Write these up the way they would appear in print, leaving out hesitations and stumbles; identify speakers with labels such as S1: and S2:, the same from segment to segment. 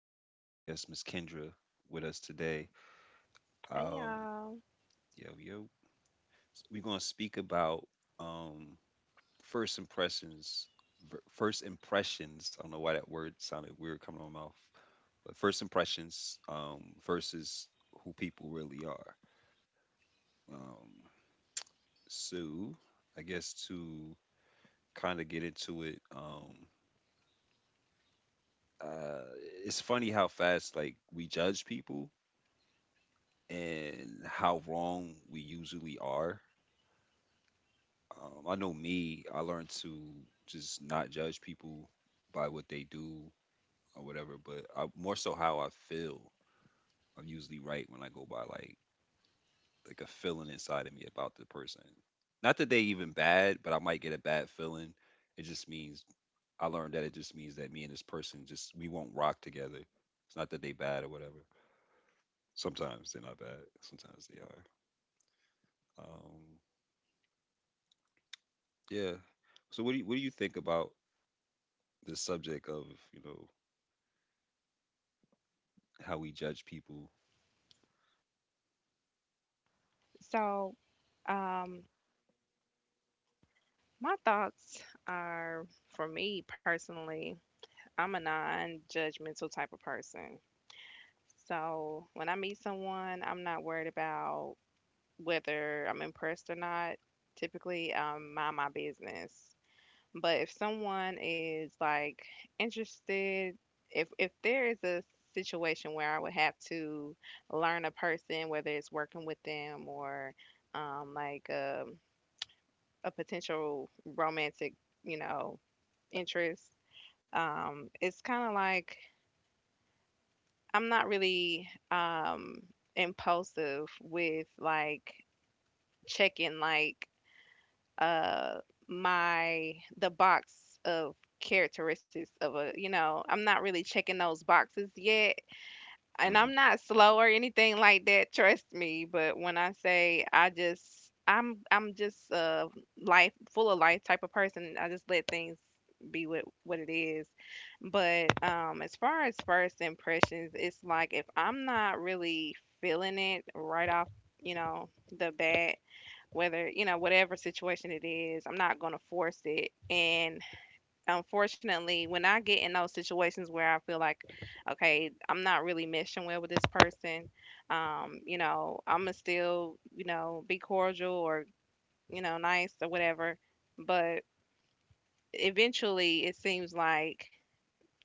S1: Got my special guest, Miss Kendra, with us today.
S2: Hey
S1: Um,
S2: y'all.
S1: yo, yo. We're going to speak about um, first impressions. First impressions. I don't know why that word sounded weird coming on my mouth, but first impressions versus who people really are. Um, so, I guess to kind of get into it, uh, it's funny how fast like we judge people and how wrong we usually are. I know me, I learned to just not judge people by what they do or whatever, but I, more so how I feel. I'm usually right when I go by like a feeling inside of me about the person. Not that they even bad, but I might get a bad feeling. It just means I learned that it just means that me and this person just we won't rock together. It's not that they bad or whatever. Sometimes they're not bad. Sometimes they are. Um, Yeah. So what do you think about the subject of, you know, how we judge people?
S2: So, um, my thoughts are, for me personally, I'm a non judgmental type of person. So when I meet someone, I'm not worried about whether I'm impressed or not. Typically, mind my business. But if someone is like interested, if there is a situation where I would have to learn a person, whether it's working with them or like a potential romantic, you know, interest. It's kind of like I'm not really impulsive with, like, checking, like, uh, my the box of characteristics of a, you know, I'm not really checking those boxes yet, and
S1: Hmm.
S2: I'm not slow or anything like that, trust me, but when I say I just I'm just a life, full of life type of person. I just let things be what it is. But as far as first impressions, it's like if I'm not really feeling it right off, you know, the bat, whether, you know, whatever situation it is, I'm not going to force it. And unfortunately, when I get in those situations where I feel like, okay, I'm not really meshing well with this person, you know, I'm gonna still, you know, be cordial or, you know, nice or whatever. But eventually, it seems like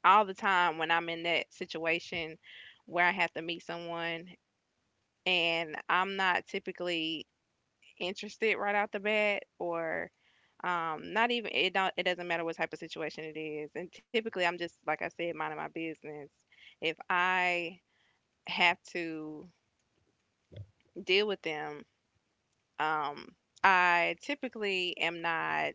S2: all the time when I'm in that situation where I have to meet someone and I'm not typically interested right out the bat or not even, it don't, it doesn't matter what type of situation it is, and typically I'm just, like I said, minding my business. If I have to deal with them, um I typically am not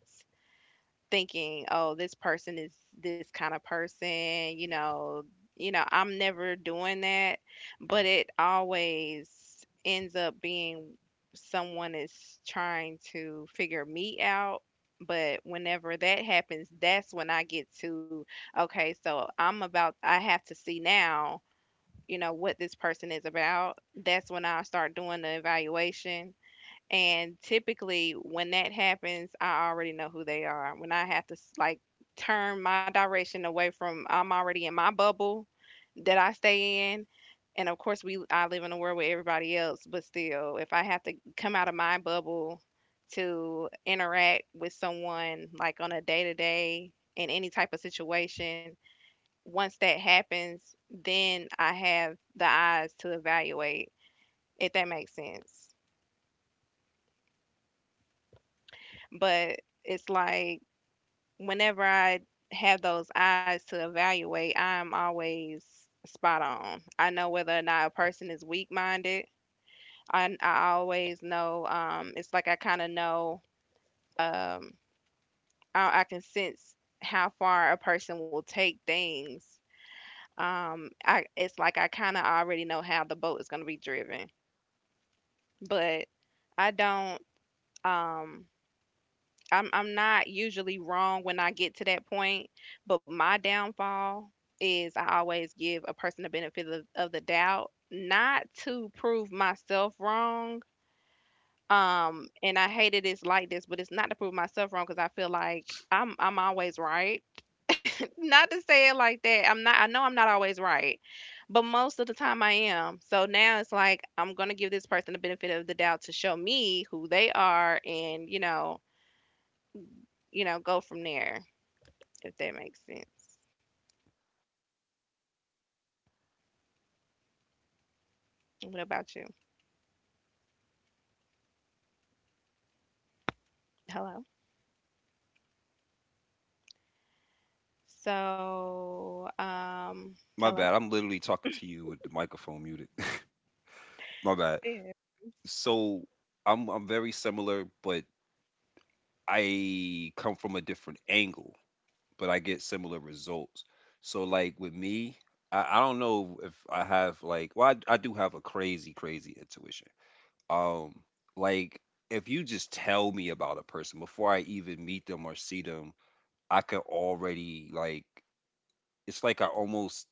S2: thinking, "Oh, this person is this kind of person," you know, I'm never doing that, but it always ends up being someone is trying to figure me out. But whenever that happens, that's when I get to, okay, so I'm about, I have to see now, you know, what this person is about. That's when I start doing the evaluation, and typically, when that happens, I already know who they are. When I have to like turn my direction away from, I'm already in my bubble that I stay in. And of course, we I live in a world with everybody else, but still, if I have to come out of my bubble to interact with someone like on a day to day in any type of situation, once that happens, then I have the eyes to evaluate, if that makes sense. But it's like whenever I have those eyes to evaluate, I'm always spot on. I know whether or not a person is weak minded. I always know, it's like I kind of know, um, I can sense how far a person will take things. I, it's like I kind of already know how the boat is going to be driven, but I don't. Um, I'm not usually wrong when I get to that point, but my downfall is I always give a person the benefit of the doubt, not to prove myself wrong. And I hate it is like this, but it's not to prove myself wrong because I feel like I'm always right. Not to say it like that. I'm not. I know I'm not always right, but most of the time I am. So now it's like I'm gonna give this person the benefit of the doubt to show me who they are, and you know, go from there. If that makes sense. What about you? Hello. So, um,
S1: My
S2: Hello.
S1: bad. I'm literally talking to you with the microphone muted. My bad.
S2: Yeah.
S1: So I'm very similar, but I come from a different angle, but I get similar results. So like with me, I don't know if I have like, well, I do have a crazy, crazy intuition. Um like, if you just tell me about a person before I even meet them or see them, I could already like, it's like I almost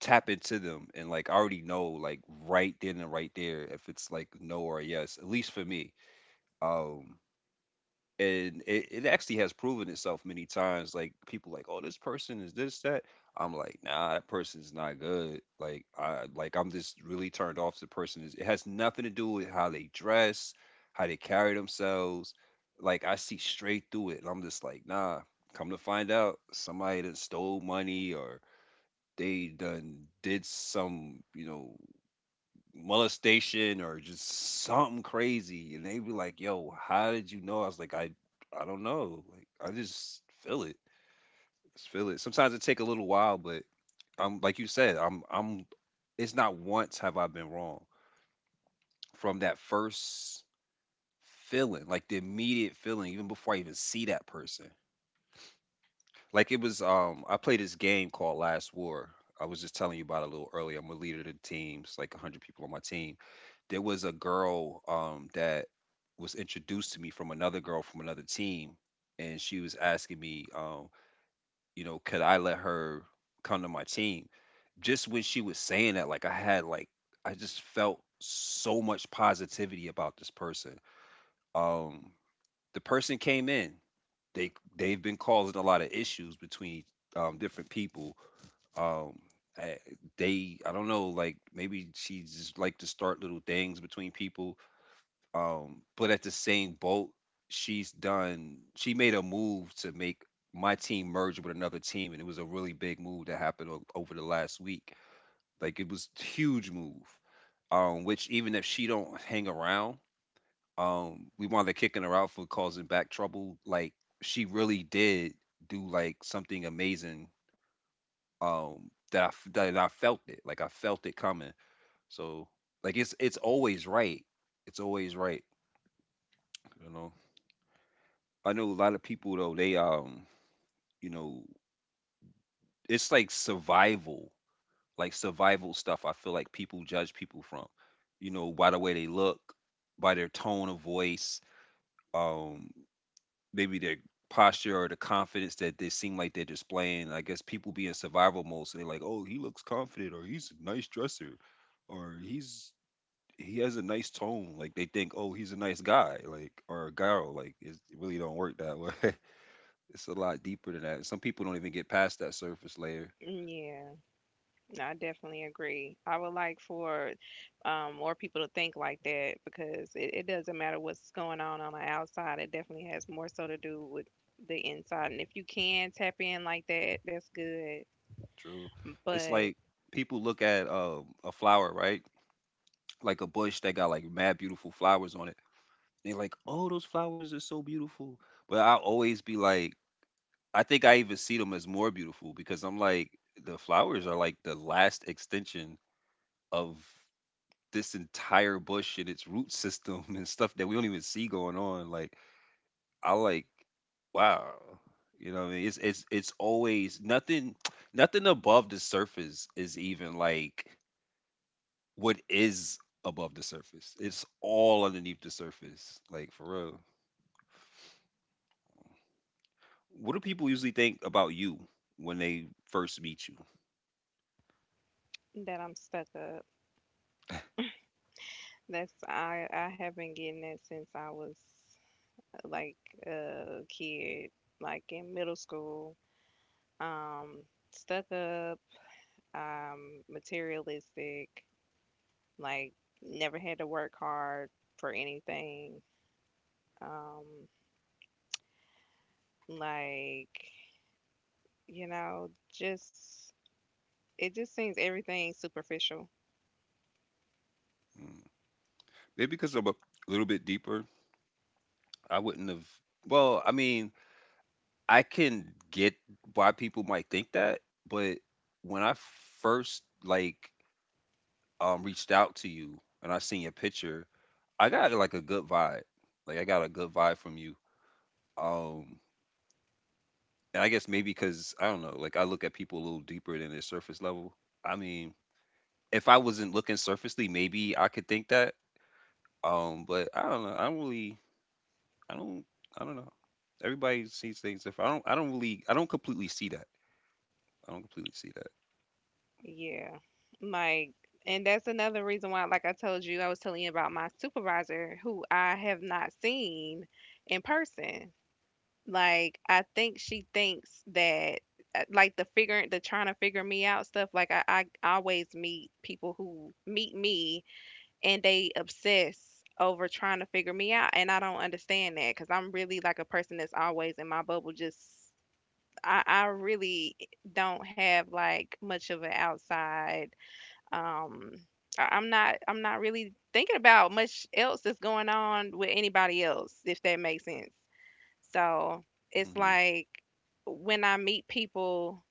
S1: tap into them, and like I already know, like, right then and right there, if it's like no or a yes, at least for me. Um and it actually has proven itself many times. Like people like, oh, this person is this that. I'm like, nah, that person's not good. Like I like I'm just really turned off to the person is. It has nothing to do with how they dress, how they carry themselves. Like I see straight through it, and I'm just like, nah. Come to find out, somebody that stole money or they done did some, molestation, or just something crazy, and they be like, yo, how did you know? I was like, I don't know, like I just feel it, just feel it. Sometimes it take a little while, but I'm like you said, I'm it's not once have I been wrong from that first feeling, like the immediate feeling, even before I even see that person. Like, it was I played this game called Last War. I was just telling you about it a little earlier. I'm a leader of the teams, like 100 people on my team. There was a girl, that was introduced to me from another girl from another team, and she was asking me, you know, could I let her come to my team. Just when she was saying that, like, I had like I just felt so much positivity about this person. um the person came in. They've been causing a lot of issues between, different people. um I, they, I don't know, like maybe she just like to start little things between people. But at the same boat, she's done. She made a move to make my team merge with another team, and it was a really big move that happened over the last week. Like, it was huge move. Which even if she don't hang around, we wanted kicking her out for causing back trouble. Like she really did do like something amazing. That I felt it. Like I felt it coming. So like it's always right. It's always right. You know. I know a lot of people though, they you know, it's like survival stuff I feel like people judge people from. You know, by the way they look, by their tone of voice, um, maybe their posture or the confidence that they seem like they're displaying. I guess people be in survival mode, so they're like, oh, he looks confident, or he's a nice dresser, or he has a nice tone. Like they think, oh, he's a nice guy, like, or a girl, like, it's, it really don't work that way. It's a lot deeper than that. Some people don't even get past that surface layer.
S2: Yeah, no, I definitely agree. I would like for more people to think like that because it doesn't matter what's going on the outside. It definitely has more so to do with the inside. And if you can tap in like that, that's good.
S1: True. It's
S2: But
S1: like people look at, a flower, right? Like a bush that got like mad beautiful flowers on it. They're like, oh, those flowers are so beautiful. But I always be like, I think I even see them as more beautiful, because I'm like, the flowers are like the last extension of this entire bush and its root system and stuff that we don't even see going on. Like, I like, wow. You know what I mean? It's it's always nothing, above the surface is even like what is above the surface. It's all underneath the surface. Like, for real. What do people usually think about you when they first meet you?
S2: that I'm stuck up. That's I have been getting that since I was like a kid, like in middle school. Um, stuck up, materialistic, like never had to work hard for anything. Um, like, you know, just it just seems everything superficial.
S1: Mm. Maybe because I'm a little bit deeper, I wouldn't have well, I mean, I can get why people might think that, but when I first like, reached out to you and I seen your picture, I got like a good vibe. Like, I got a good vibe from you. Um and I guess maybe cuz I don't know, like I look at people a little deeper than their surface level. I mean, if I wasn't looking surfacely, maybe I could think that. But I don't know. I don't really I don't I don't know. Everybody sees things different. I don't completely see that. I don't completely see that.
S2: Yeah. Like and that's another reason why, like I told you, I was telling you about my supervisor who I have not seen in person. Like, I think she thinks that like the figuring, the trying to figure me out stuff, like, I always meet people who meet me and they obsess over trying to figure me out, and I don't understand that because I'm really like a person that's always in my bubble. Just I really don't have like much of an outside, um I'm not, I'm not really thinking about much else that's going on with anybody else, if that makes sense. So it's
S1: Mhm.
S2: like when I meet people,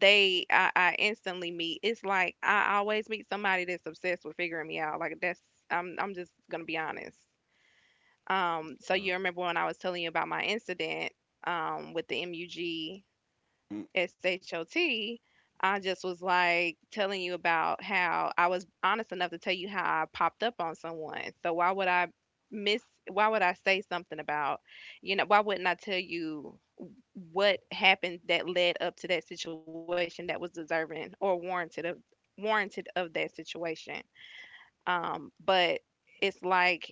S2: they I instantly meet. It's like I always meet somebody that's obsessed with figuring me out. Like that's I'm just gonna be honest. So
S1: Uh,
S2: you remember when I was telling you about my incident with the MUG SHOT, I just was like telling you about how I was honest enough to tell you how I popped up on someone. So why would I miss, why would I say something about, you know, why wouldn't I tell you what happened that led up to that situation that was deserving or warranted of, warranted of that situation. But it's like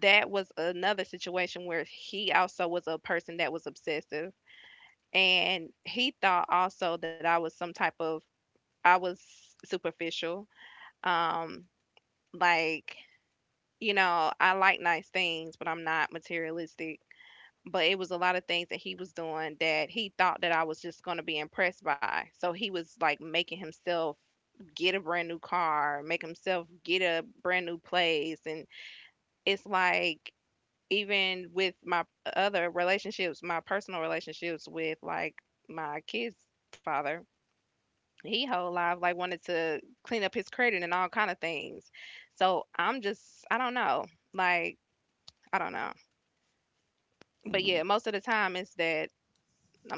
S2: that was another situation where he also was a person that was obsessive, and he thought also that I was some type of, I was superficial. Um, like, you know, I like nice things, but I'm not materialistic. But it was a lot of things that he was doing that he thought that I was just going to be impressed by. So he was like making himself get a brand new car, make himself get a brand new place. And it's like, even with my other relationships, my personal relationships with like my kids' father, he whole life like wanted to clean up his credit and all kind of things. So I'm just I don't know. Like I don't know. But
S1: Mm-mm.
S2: yeah, most of the time it's that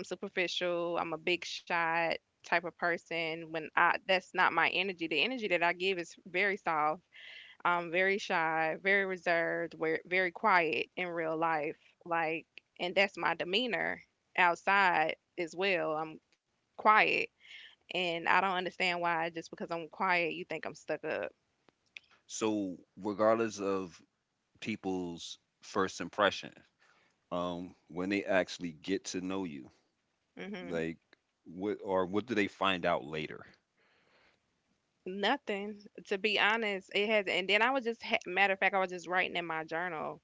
S2: I'm superficial, I'm a big shot type of person, when I that's not my energy. The energy that I give is very soft. I'm very shy, very reserved, very, very quiet in real life. Like and that's my demeanor outside as well. I'm quiet, and I don't understand why just because I'm quiet you think I'm stuck up.
S1: So, regardless of people's first impression, when they actually get to know you,
S2: Hmm.
S1: like, what do they find out later?
S2: Nothing, to be honest. It has, and then I was just matter of fact, I was just writing in my journal,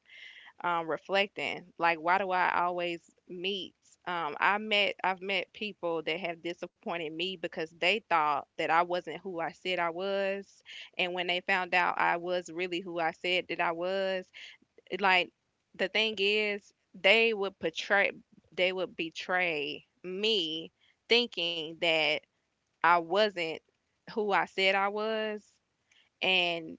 S2: reflecting. Like, why do I always meet? I met, I've met people that have disappointed me because they thought that I wasn't who I said I was, and when they found out I was really who I said that I was, like the thing is they would portray, they would betray me thinking that I wasn't who I said I was, and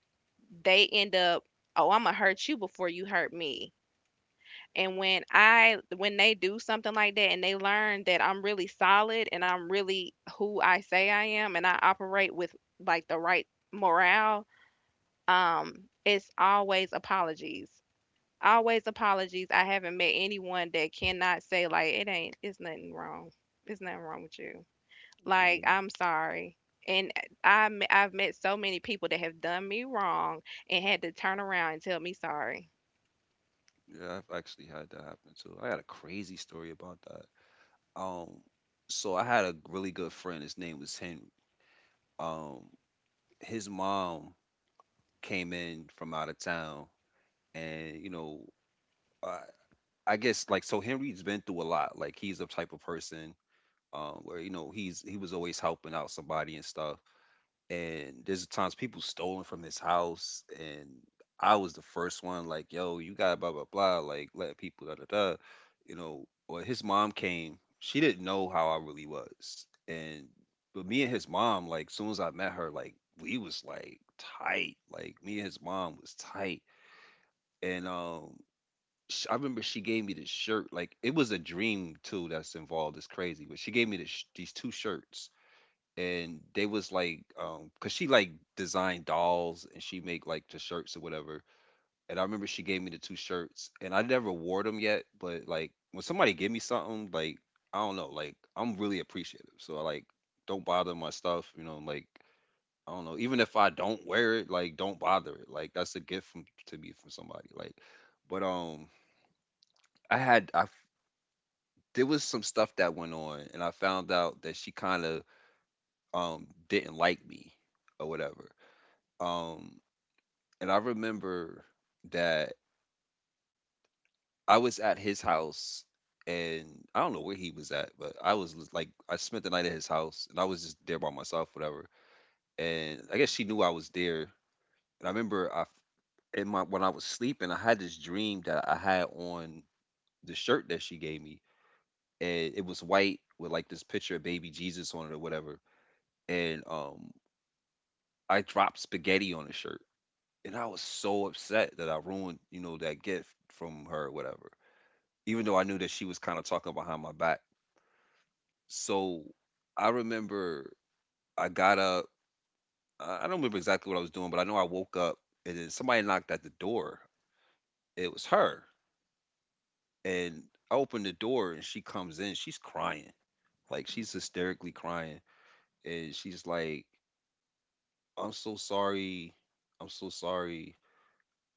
S2: they end up, oh, I'm gonna hurt you before you hurt me. And when I when they do something like that and they learn that I'm really solid and I'm really who I say I am and I operate with like the right morale, um, it's always apologies. Always apologies. I haven't met anyone that cannot say like it ain't, it's nothing wrong. It's nothing wrong with you. Like
S1: um,
S2: I'm sorry. And I I've met so many people that have done me wrong and had to turn around and tell me sorry.
S1: yeah, I've actually had that happen too. I got a crazy story about that. um so I had a really good friend, his name was Henry. um his mom came in from out of town. And you know, i, I guess like, so Henry's been through a lot, like he's the type of person, where, you know, he was always helping out somebody and stuff, and there's times people stolen from his house, and I was the first one like, yo, you got blah blah blah, like, let people da da da, you know. Well, his mom came, she didn't know how I really was, and but me and his mom, like soon as I met her, like, we was like tight, like me and his mom was tight. And I remember she gave me this shirt, like it was a dream too that's involved, it's crazy. But she gave me this these two shirts, and they was like, because she like designed dolls and she make like the shirts or whatever. And I remember she gave me the two shirts, and I never wore them yet. But like, when somebody give me something, like, I don't know, like I'm really appreciative, so I like don't bother my stuff, you know. Like, I don't know, even if I don't wear it, like, don't bother it, like that's a gift from, to me, from somebody, like. But I had I f- there was some stuff that went on, and I found out that she kind of, didn't like me or whatever. Um, and I remember that I was at his house, and I don't know where he was at, but like, I spent the night at his house, and I was just there by myself, whatever. And I guess she knew I was there. And I remember I, f- in my when I was sleeping, I had this dream that I had on the shirt that she gave me, and it was white with like this picture of baby Jesus on it or whatever. And I dropped spaghetti on the shirt, and I was so upset that I ruined, that gift from her, or whatever. Even though I knew that she was kind of talking behind my back. So I remember I got up. I don't remember exactly what I was doing, but I know I woke up, and then somebody knocked at the door. It was her. And I opened the door, and she comes in. She's crying. Like, she's hysterically crying. And she's like, I'm so sorry. I'm so sorry.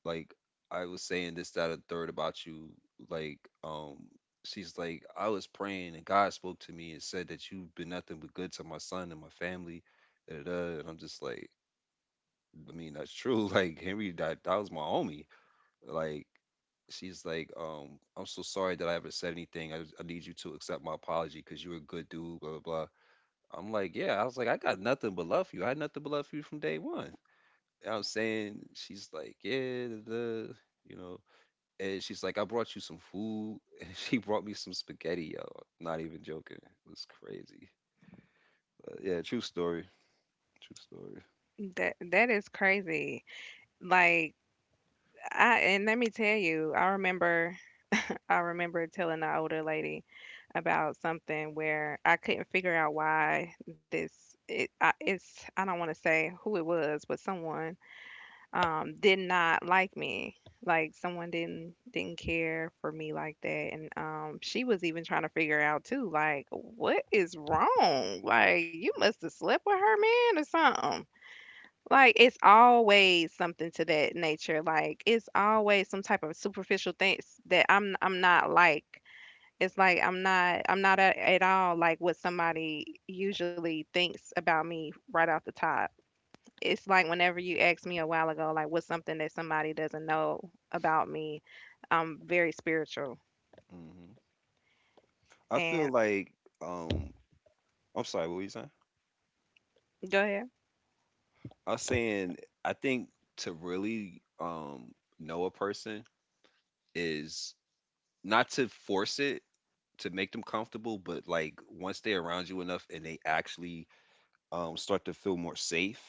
S1: Like, I was saying this, that, and third about you. Like, she's like, I was praying and God spoke to me and said that you've been nothing but good to my son and my family. Da, da, da. And I'm just like, I mean, that's true. Like Henry, that was my homie. Like, she's like, I'm so sorry that I ever said anything. I need you to accept my apology because you're a good dude. Blah blah blah. I'm like, yeah. I was like, I got nothing but love for you. I had nothing but love for you from day one. You know what I'm saying? She's like, yeah, the you know and she's like, I brought you some food. And she brought me some spaghetti, yo. Not even joking. It was crazy. But yeah, true story. True story.
S2: That that is crazy. Like I and let me tell you, I remember, I remember telling the older lady about something where I couldn't figure out why this it, I, it's I don't want to say who it was, but someone did not like me, like someone didn't care for me like that, and she was even trying to figure out too like what is wrong, like you must have slept with her man or something, like it's always something to that nature, like it's always some type of superficial things that I'm not, like it's like I'm not, I'm not at, at all like what somebody usually thinks about me right off the top. It's like whenever you asked me a while ago, like what's something that somebody doesn't know about me, I'm very spiritual.
S1: hmm I feel
S2: And
S1: like, um, I'm sorry, what were you saying?
S2: go ahead.
S1: I was saying, I think to really know a person is not to force it to make them comfortable, but like once they're around you enough and they actually start to feel more safe,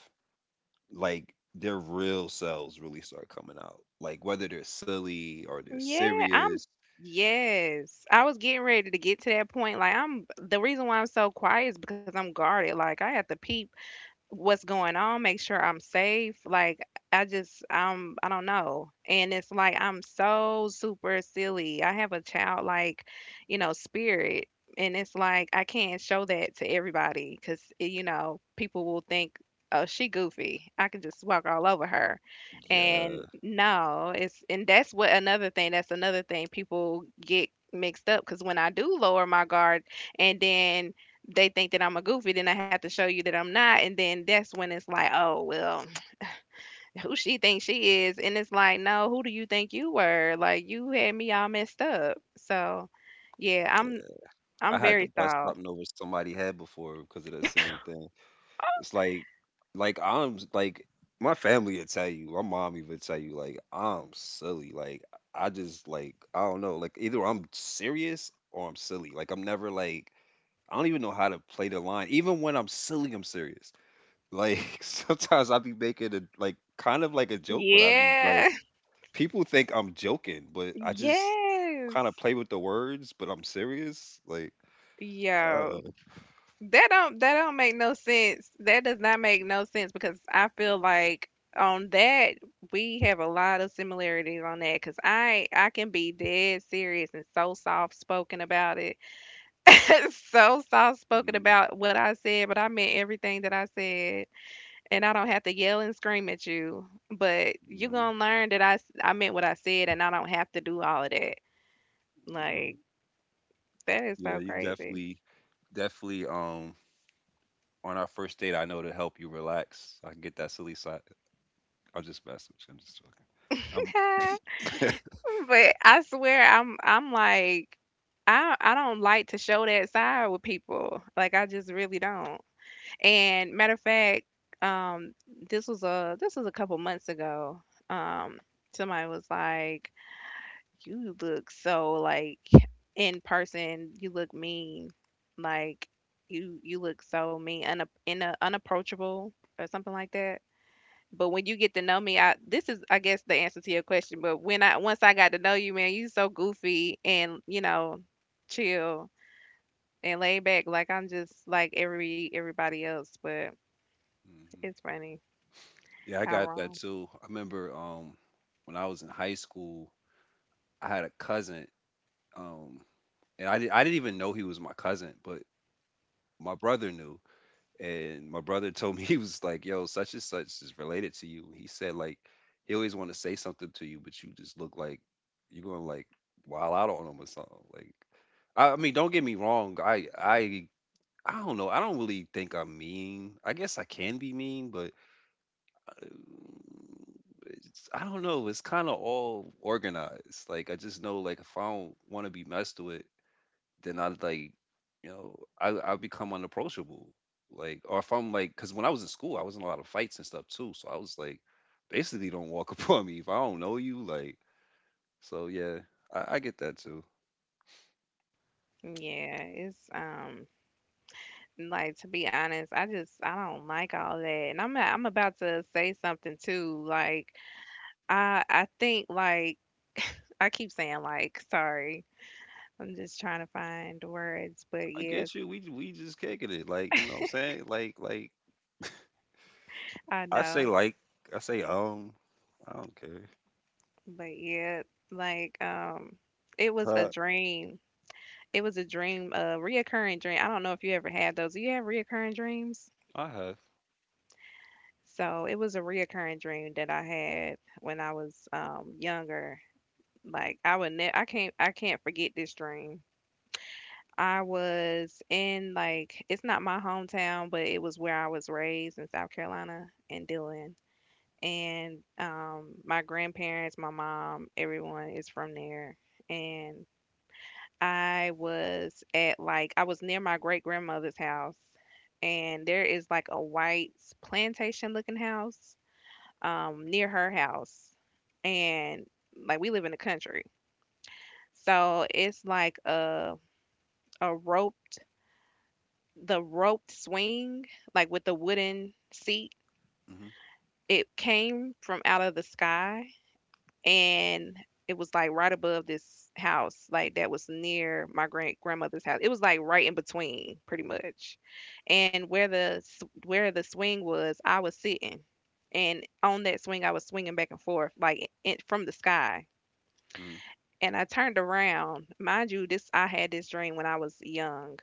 S1: like their real selves really start coming out. Like whether they're silly or they're
S2: Yeah, I'm
S1: serious.
S2: yes. I was getting ready to get to that point. Like I'm the reason why I'm so quiet is because I'm guarded. Like I have to peep what's going on, make sure I'm safe. Like I just I don't know. And it's like I'm so super silly. I have a childlike, you know, spirit. And it's like I can't show that to everybody because you know people will think, oh, she goofy. I can just walk all over her, and
S1: Yeah,
S2: no, it's and that's what another thing. That's another thing people get mixed up because when I do lower my guard, and then they think that I'm a goofy, then I have to show you that I'm not. And then that's when it's like, oh, well, who she thinks she is. And it's like, no, who do you think you were? Like, you had me all messed up. So, yeah,
S1: yeah. I
S2: I'm
S1: had to
S2: very
S1: bust
S2: soft.
S1: something over somebody's head before because of the same thing. It's like I'm like my family would tell you, my mom even tell you, like I'm silly. Like I just like I don't know. Like either I'm serious or I'm silly. Like I'm never like I don't even know how to play the line. Even when I'm silly, I'm serious. Like sometimes I be making a like kind of like a joke, but I be like
S2: Yeah.
S1: people think I'm joking, but I just kind of
S2: Yes.
S1: play with the words, but I'm serious. Like,
S2: Yo.
S1: uh,
S2: That don't make no sense. That does not make no sense because I feel like on that we have a lot of similarities on that because I can be dead serious and so soft spoken about it, so soft spoken
S1: mhm,
S2: about what I said, but I meant everything that I said. And I don't have to yell and scream at you, but you
S1: mhm,
S2: gonna learn that I meant what I said, and I don't have to do all of that.
S1: yeah,
S2: Like that is
S1: yeah,
S2: so
S1: you
S2: crazy.
S1: definitely, definitely. On our first date, I know to help you relax. I can get that silly side. I'm just messing with you. I'm just joking. I'm
S2: But I swear, I'm like. I don't like to show that side with people. Like I just really don't. And matter of fact, um, this was a couple months ago. Um, somebody was like, you look so like in person, you look mean. Like you look so mean, in a, unapproachable or something like that. But when you get to know me, I this is I guess the answer to your question. But when I once I got to know you, man, you so goofy and you know chill and laid back. Like I'm just like everybody else. But
S1: hmm.
S2: it's funny
S1: Yeah, I
S2: how
S1: got that
S2: wrong.
S1: too. I remember when I was in high school, I had a cousin. Um, and I didn't even know he was my cousin, but my brother knew. And my brother told me he was like, "Yo, such and such is related to you." He said like he always want to say something to you, but you just look like you're gonna like wild out on him or something. Like, I mean, don't get me wrong. I don't know. I don't really think I'm mean. I guess I can be mean, but uh, it's, I don't know. It's kind of all organized. Like I just know like if I don't want to be messed with, then I like, you know, I become unapproachable. Like, or if I'm like, because when I was in school, I was in a lot of fights and stuff too. So I was like, basically, don't walk upon me if I don't know you. Like, so yeah, I get that too.
S2: Yeah, it's like, to be honest, I just I don't like all that. And I'm about to say something too. Like, I think like I keep saying like, sorry. I'm just trying to find the words, but
S1: I
S2: yeah,
S1: get you. We just kicking it. Like, you know what I'm saying?
S2: I know.
S1: Like I say I don't care.
S2: But yeah, like it was a
S1: Uh,
S2: dream. It was a dream, a reoccurring dream. I don't know if you ever had those. Do you have reoccurring dreams?
S1: I have.
S2: So it was a reoccurring dream that I had when I was younger. Like I can't forget this dream. I was in like it's not my hometown, but it was where I was raised in South Carolina in Dillon. And my grandparents, my mom, everyone is from there. And I was at like I was near my great grandmother's house, and there is like a white plantation looking house near her house, and like we live in the country, so it's like a rope, the roped swing, like, with the wooden seat,
S1: Hmm.
S2: it came from out of the sky, and it was, like, right above this house, like, that was near my grand grandmother's house. It was, like, right in between, pretty much, and where the s where the swing was, I was sitting, and on that swing, I was swinging back and forth, like, in from the sky,
S1: Hmm.
S2: and I turned around. Mind you, this I had this dream when I was young.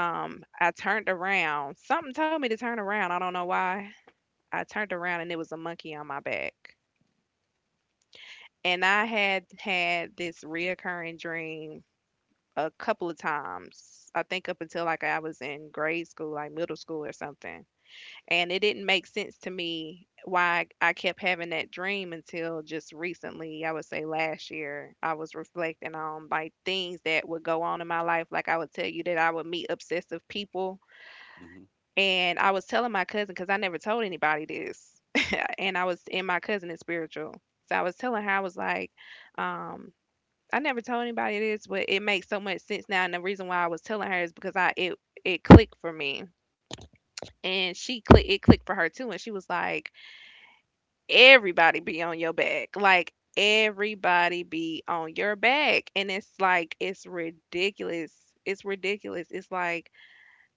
S2: I turned around. Something told me to turn around. I don't know why. I turned around and it was a monkey on my back. And I had had this reoccurring dream a couple of times. I think up until like I was in grade school, like middle school or something. And it didn't make sense to me why I kept having that dream until just recently. I would say last year, I was reflecting on like things that would go on in my life. Like I would tell you that I would meet obsessive people.
S1: Hmm.
S2: And I was telling my cousin because I never told anybody this, and I was and my cousin is spiritual, so I was telling her I was like, um, I never told anybody this, but it makes so much sense now. And the reason why I was telling her is because I it it clicked for me, and she click it clicked for her too, and she was like, everybody be on your back, like everybody be on your back, and it's like it's ridiculous. It's ridiculous. It's like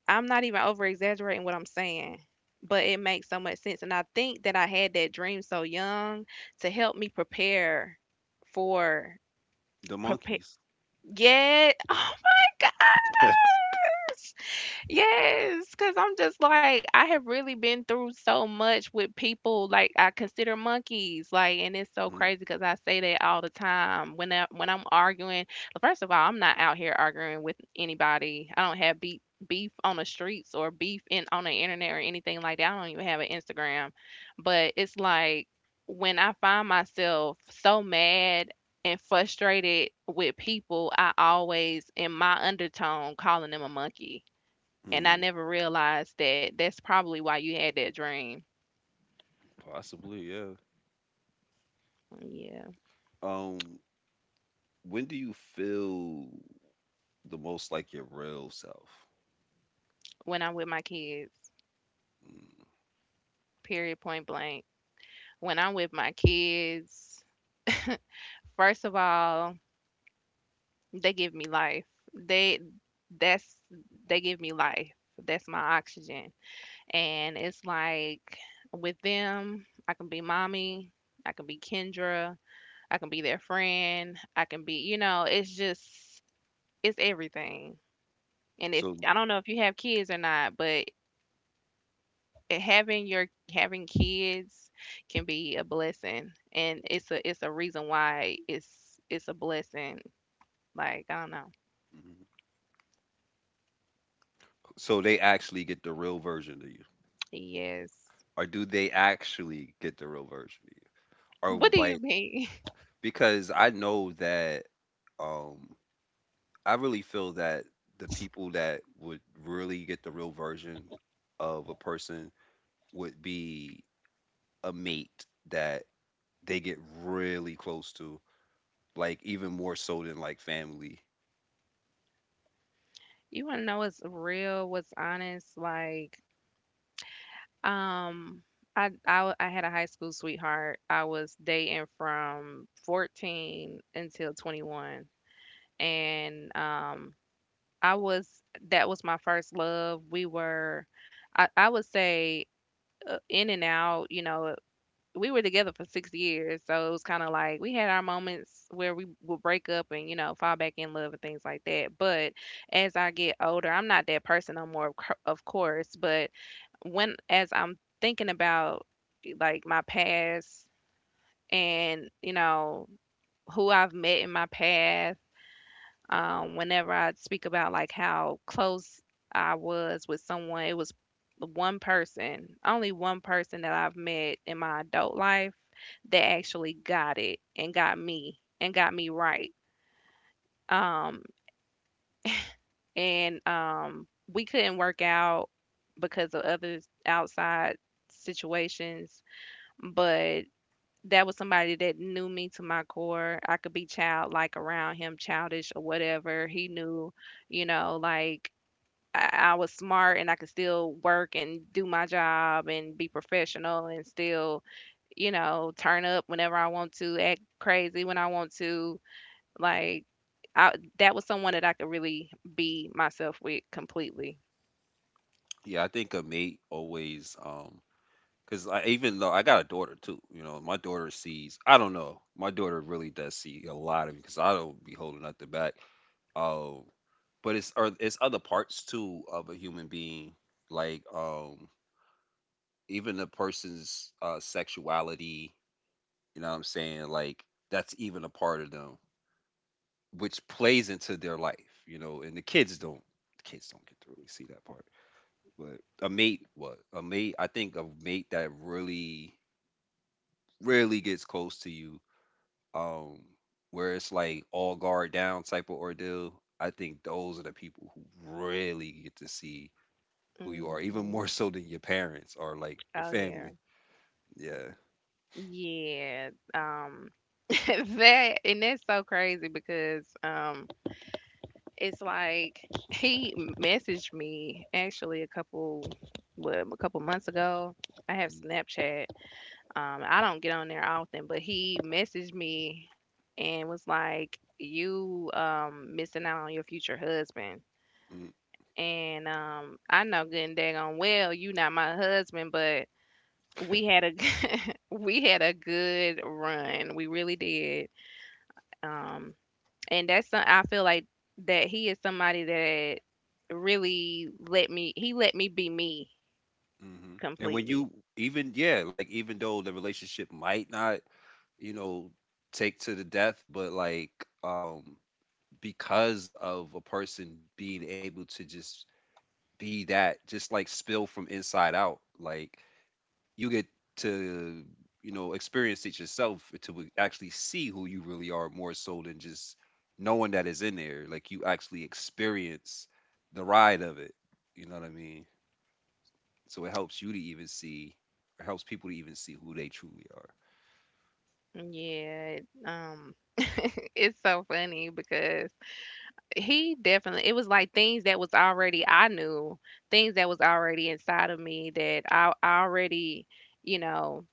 S2: I'm not even over exaggerating what I'm saying, but it makes so much sense. And I think that I had that dream so young to help me prepare for
S1: The
S2: prepare.
S1: monkeys.
S2: Yeah. Oh my
S1: Mm.
S2: gosh. Yes, because I'm just like, I have really been through so much with people. Like, I consider monkeys. Like, and it's so crazy because I say that all the time. When I'm arguing, first of all, I'm not out here arguing with anybody. I don't have beef on the streets or beef in on the internet or anything like that. I don't even have an Instagram. But it's like when I find myself so mad and frustrated with people, I always in my undertone calling them a monkey and I
S1: Mm.
S2: never realized that that's probably why you had that dream.
S1: Possibly, yeah.
S2: Yeah.
S1: Um, when do you feel the most like your real self?
S2: When I'm with my kids,
S1: Mm.
S2: period, point blank. When I'm with my kids, first of all, they give me life. They that's they give me life. That's my oxygen. And it's like with them, I can be mommy, I can be Kendra, I can be their friend, I can be, you know, it's just it's everything. And if
S1: So,
S2: I don't know if you have kids or not, but having your having kids can be a blessing and it's a reason why it's a blessing like I don't know.
S1: mhm. So they actually get the real version of you,
S2: Yes.
S1: or do they actually get the real version of you?
S2: What
S1: Or
S2: do you
S1: like
S2: mean?
S1: because I know that um I really feel that the people that would really get the real version of a person would be a mate that they get really close to, like even more so than like family.
S2: You want to know what's real, what's honest? Like, um I had a high school sweetheart I was dating from 14 until 21 and I was that was my first love. We were, I would say, in and out, you know, we were together for 6 years, so it was kind of like we had our moments where we would break up and, you know, fall back in love and things like that. But as I get older, I'm not that person no more, of course, but when as I'm thinking about like my past and, you know, who I've met in my past, whenever I speak about like how close I was with someone, it was one person, only one person that I've met in my adult life that actually got it and got me right. Um, and we couldn't work out because of other outside situations, but that was somebody that knew me to my core. I could be childlike around him, childish or whatever. He knew you know, like I was smart and I could still work and do my job and be professional and still, you know, turn up whenever I want to, act crazy when I want to. Like, I, that was someone that I could really be myself with completely.
S1: Yeah, I think a mate always cause I even though I got a daughter too, you know, my daughter sees. I don't know. My daughter really does see a lot of because I don't be holding nothing back. Um, but it's or it's other parts too of a human being, like even a person's sexuality. You know what I'm saying? Like that's even a part of them, which plays into their life. You know, and the kids don't. The kids don't get to really see that part. But a mate, what a mate. I think a mate that really, really gets close to you um, where it's like all guard down type of ordeal, I think those are the people who really get to see who you are, even
S2: Hmm.
S1: more so than your parents or like your
S2: Oh yeah,
S1: family. Yeah.
S2: yeah. That and that's so crazy because it's like he messaged me actually a couple what a couple months ago. I have
S1: Mm,
S2: Snapchat. I don't get on there often, but he messaged me and was like, "You missing out on your future husband."
S1: mm,
S2: And I know good and daggone well you not my husband, but we had a we had a good run. We really did. Um, and that's some, I feel like that he is somebody that really let me he let me be me
S1: mm-hmm. And when
S2: completely.
S1: you even yeah, like even though the relationship might not, you know, take to the death, but like um because of a person being able to just be that, just like spill from inside out, like you get to you know experience it yourself to actually see who you really are more so than just knowing that it's in there like you actually experience the ride of it, you know what I mean, so it helps you to even see, it helps people to even see who they truly are.
S2: Yeah, um, it's so funny because he definitely it was like things that was already I knew, things that was already inside of me that I already, you know,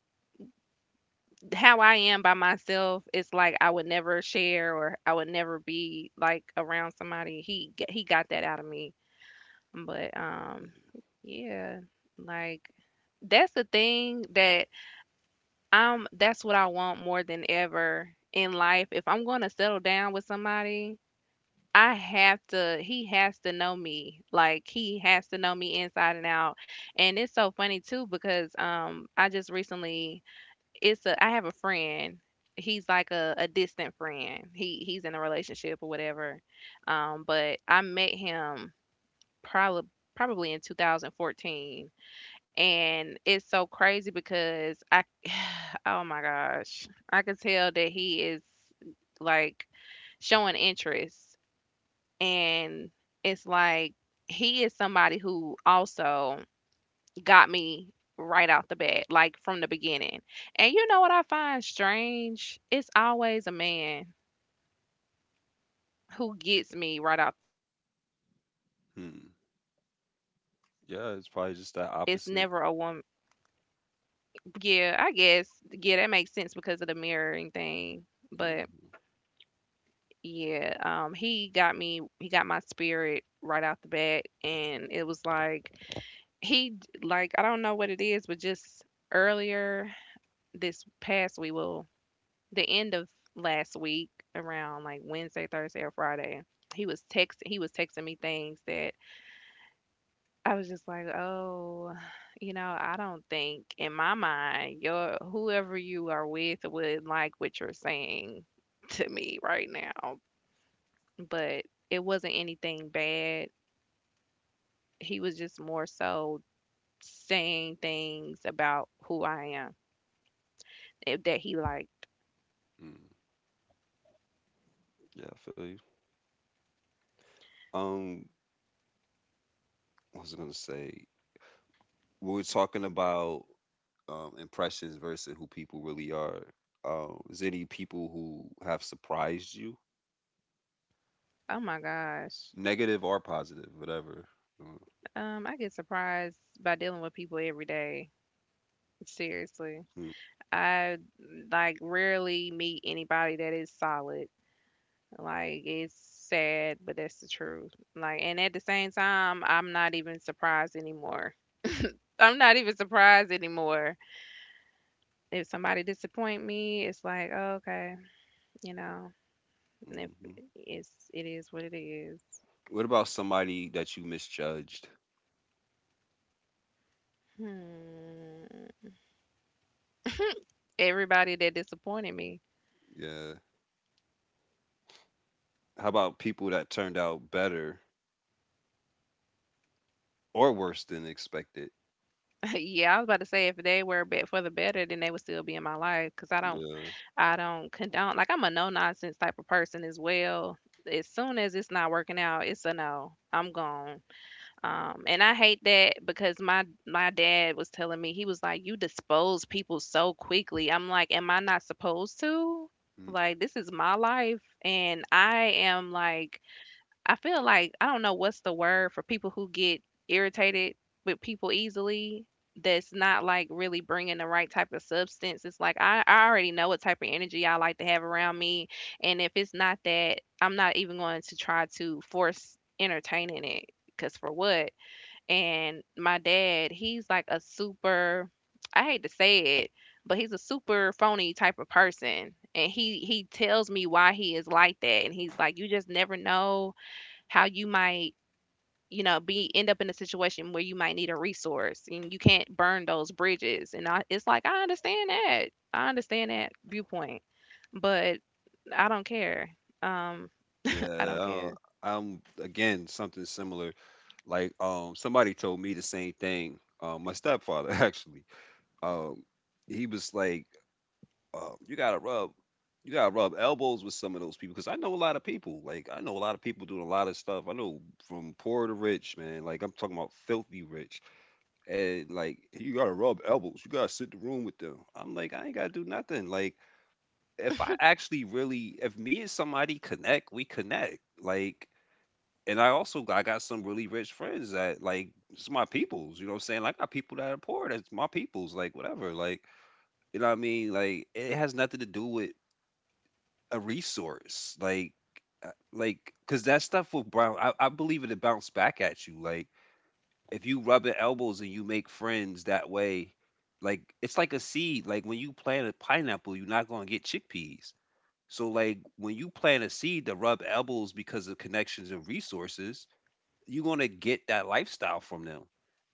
S2: how I am by myself, it's like I would never share or I would never be like around somebody. He got that out of me. But yeah, like that's the thing that that's what I want more than ever in life. If I'm going to settle down with somebody, I have to he has to know me. Like he has to know me inside and out. And it's so funny too because I just recently it's a I have a friend. He's like a distant friend. He's in a relationship or whatever. But I met him probably probably in 2014 and it's so crazy because I oh my gosh. I could tell that he is, like, showing interest, and it's like he is somebody who also got me right out the bat, like from the beginning. And you know what I find strange? It's always a man who gets me right out the bat
S1: Hmm.
S2: versus it's
S1: Yeah,
S2: never a
S1: it's probably
S2: woman.
S1: just that opposite.
S2: Yeah, I guess. Yeah, that makes sense because of the mirroring thing, but
S1: Hmm.
S2: yeah, he got me, he got my spirit right out the bat, and it was like He d like, I don't know what it is, but just earlier this past week, well, the end of last week, around, like, Wednesday, Thursday, or Friday, he was texting me things that I was just like, "Oh, you know, I don't think, in my mind, your whoever you are with would like what you're saying to me right now." But it wasn't anything bad. He was just more so saying things about who I am. That he liked.
S1: Hmm. Yeah, I feel you. um what was I gonna say? We were talking about impressions versus who people really are. Is any people who have surprised you,
S2: Oh my gosh.
S1: negative or positive, whatever? Uh,
S2: I get surprised by dealing with people every day. Seriously.
S1: hmm,
S2: I, like, rarely meet anybody that is solid. Like, it's sad, but that's the truth. Like, and at the same time, I'm not even surprised anymore. I'm not even surprised anymore. If somebody disappoint me, it's like, oh, okay, you know, if
S1: mm-hmm.
S2: it's it is what it is.
S1: What about somebody that you misjudged?
S2: Hmm. Everybody that disappointed me.
S1: Yeah. How about people that turned out better or worse than expected?
S2: Yeah, I was about to say, if they were bet for the better, then they would still be in my life, because I don't,
S1: Yeah.
S2: I don't condone. Like, I'm a no nonsense type of person as well. As soon as it's not working out, it's a no. I'm gone. And I hate that, because my dad was telling me, he was like, "You dispose people so quickly." I'm like, "Am I not supposed to?"
S1: Mm.
S2: Like, this is my life, and I am like, I feel like, I don't know what's the word for people who get irritated with people easily. That's not, like, really bringing the right type of substance. It's like, I already know what type of energy I like to have around me, and if it's not that, I'm not even going to try to force entertaining it. Cause for what? And my dad, he's like a super, I hate to say it, but he's a super phony type of person, and he tells me why he is like that, and he's like, you just never know how you might, you know, be end up in a situation where you might need a resource and you can't burn those bridges. And I, it's like I understand that. I understand that viewpoint, but I don't care. Um, I
S1: Yeah.
S2: don't
S1: I don't,
S2: care.
S1: I'm again something similar. Like somebody told me the same thing. My stepfather actually. Um, he was like you gotta rub elbows with some of those people because I know a lot of people. Like I know a lot of people doing a lot of stuff. I know from poor to rich, man. Like I'm talking about filthy rich, and like you gotta rub elbows. You gotta sit in the room with them. I'm like I ain't gotta do nothing. Like if I actually really, if me and somebody connect, we connect. Like. And I also I got some really rich friends that like it's my peoples, you know what I'm saying? Like I got people that are poor, that's my peoples, like whatever. Like you know what I mean? Like it has nothing to do with a resource like because that stuff will brown I believe it'll bounce back at you like if you rub your elbows and you make friends that way, like it's like a seed, like when you plant a pineapple you're not going to get chickpeas, so like when you plant a seed to rub elbows because of connections and resources, you're going to get that lifestyle from them.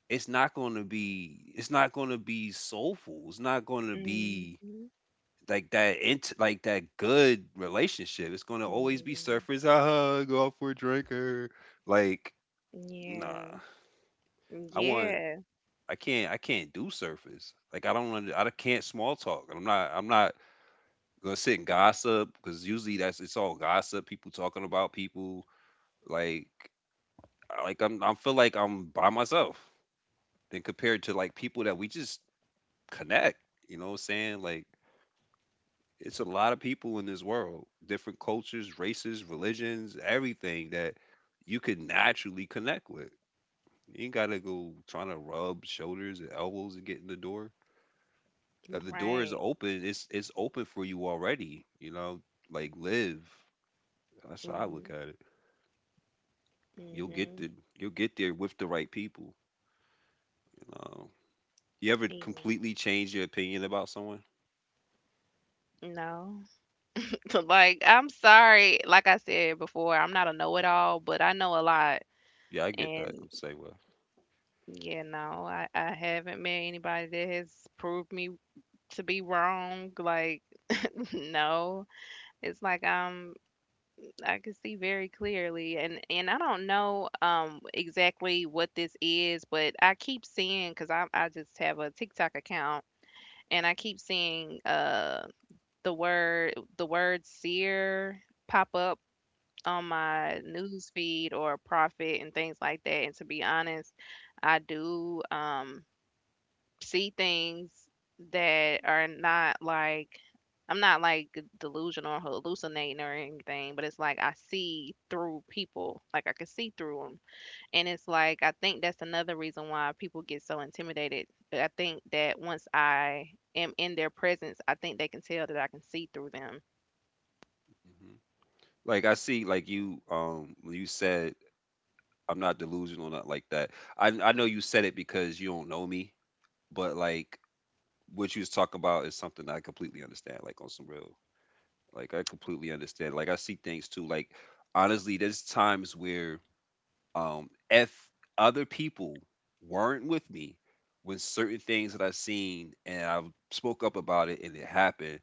S1: It's not going to be, it's not going to be soulful, it's not going to be
S2: Hmm.
S1: like that int like that good relationship. It's gonna always be surface. Ah, go out for a drinker. Like,
S2: Yeah.
S1: nah. I want.
S2: Yeah.
S1: I can't. I can't do surface. Like, I don't. Under, I can't small talk. I'm not gonna sit and gossip because usually that's it's all gossip. People talking about people. Like, like I'm. I feel like I'm by myself. Then compared to like people that we just connect. You know what I'm saying? Like. It's a lot of people in this world, different cultures, races, religions, everything that you could naturally connect with. You ain't gotta go trying to rub shoulders and elbows to get in the door. If the door is
S2: Right.
S1: open, it's open for you already. You know, like live. That's how I look at it. You'll get
S2: Mm-hmm.
S1: the you'll get there with the right people. You know, you ever completely change your opinion about someone?
S2: No. Like, I'm sorry. Like I said before, I'm not a know it all, but I know a lot.
S1: Yeah, I get that.
S2: And
S1: I'm the same way.
S2: yeah, no, I haven't met anybody that has proved me to be wrong. Like, no, it's like I can see very clearly, and I don't know exactly what this is, but I keep seeing, because I just have a TikTok account, and I keep seeing the word seer pop up on my news feed or profit and things like that. And to be honest, I do. See things that are not, like, I'm not, like, delusional or hallucinating or anything, but it's like I see through people, like I can see through them. And it's like I think that's another reason why people get so intimidated. But I think that once I am in their presence, I think they can tell that I can see through them.
S1: Hmm. Like I see, like you when you said I'm not delusional, not like that. I know you said it because you don't know me, but like what you was talking about is something that I completely understand. Like on some real, like I completely understand. Like I see things too. Like honestly, there's times where if other people weren't with me when certain things that I've seen and I spoke up about it and it happened,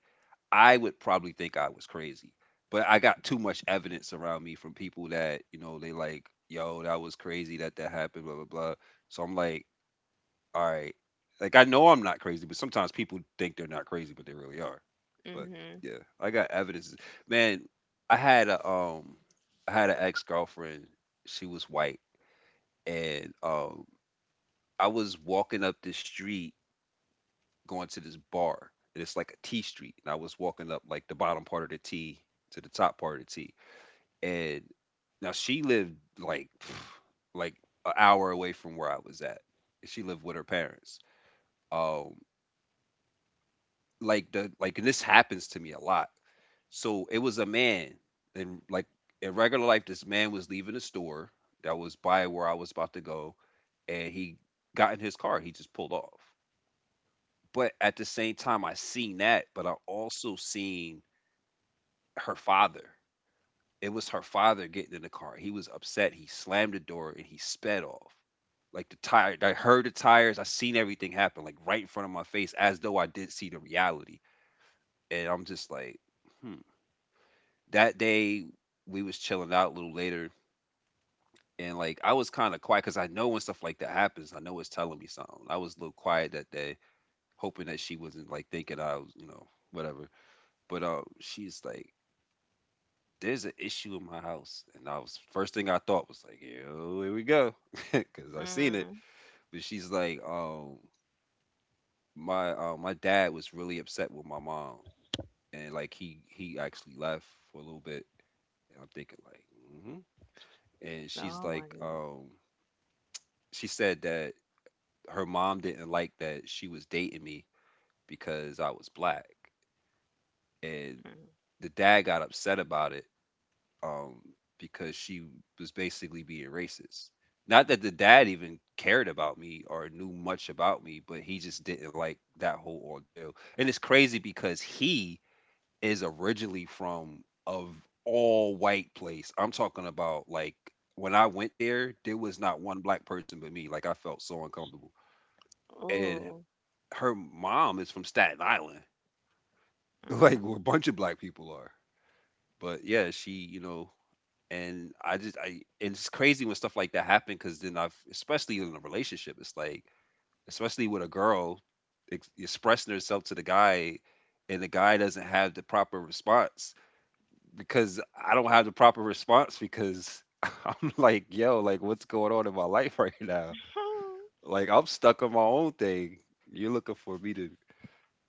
S1: I would probably think I was crazy. But I got too much evidence around me from people that, you know, they like, yo, that was crazy that that happened, blah, blah, blah. So I'm like, all right. Like, I know I'm not crazy, but sometimes people think they're not crazy, but they really are. But
S2: Mhm.
S1: yeah, I got evidence. Man, I had a, I had an ex girlfriend. She was white. And, I was walking up the street going to this bar, and it's like a T street, and I was walking up like the bottom part of the T to the top part of the T, and now she lived like like an hour away from where I was at. She lived with her parents. Um, and this happens to me a lot. So it was a man, and in regular life, this man was leaving a store that was by where I was about to go, and he got in his car. He just pulled off. But at the same time, I seen that, but I also seen her father. It was her father getting in the car. He was upset. He slammed the door and he sped off. I heard the tires. I seen everything happen, like right in front of my face, as though I did see the reality. And I'm just like, hmm. That day we was chilling out a little later, and like I was kind of quiet because I know when stuff like that happens, I know it's telling me something. I was a little quiet that day, hoping that she wasn't like thinking I was, you know, whatever. But she's like, there's an issue in my house. And I was first thing I thought was like, yo, here we go. Cause I seen it.
S2: Mhm.
S1: But she's like, my my dad was really upset with my mom. And like he actually left for a little bit. And I'm thinking like, mm-hmm. And she's
S2: Oh my
S1: like,
S2: goodness.
S1: she said that her mom didn't like that she was dating me because I was black. And
S2: Mhm.
S1: the dad got upset about it um, because she was basically being racist. Not that the dad even cared about me or knew much about me, but he just didn't like that whole ordeal. And it's crazy because he is originally from of all white place. I'm talking about like when I went there, there was not one black person but me. Like I felt so uncomfortable. And
S2: Oh.
S1: her mom is from Staten Island, like where a
S2: Mhm.
S1: bunch of black people are. But yeah, she, you know, and I just I and it's crazy when stuff like that happen because then I've especially in a relationship it's like especially with a girl expressing herself to the guy and the guy doesn't have the proper response because I don't have the proper response because I'm like yo like what's going on in my life right now like I'm stuck on my own thing you're looking for me to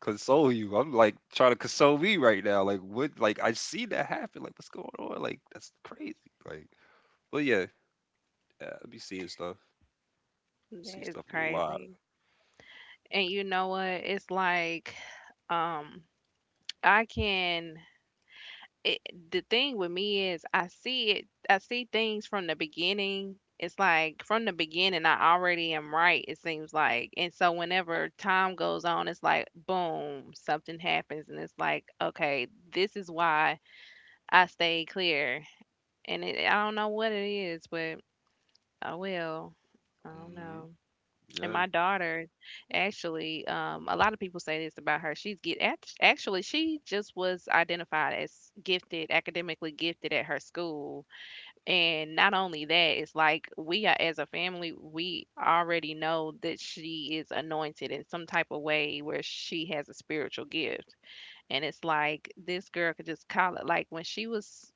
S1: console you I'm like trying to console me right now like what like I see that happen like what's going on like that's crazy like but yeah. Yeah, I be seeing stuff.
S2: That
S1: See
S2: is
S1: stuff a lot.
S2: crazy. And you know what? It's like, um I can it, the thing with me is, I see it, I see things from the beginning. It's like, from the beginning I already am right, it seems like. And so whenever time goes on, it's like boom, something happens and it's like, okay, this is why I stayed clear. And it, I don't know what it is, but I will. I don't
S1: hmm
S2: know. And
S1: Yeah.
S2: my daughter, actually, a lot of people say this about her. She's get actually she just was identified as gifted, academically gifted at her school. And not only that, it's like we are, as a family, we already know that she is anointed in some type of way where she has a spiritual gift. And it's like this girl could just call it, like, when she was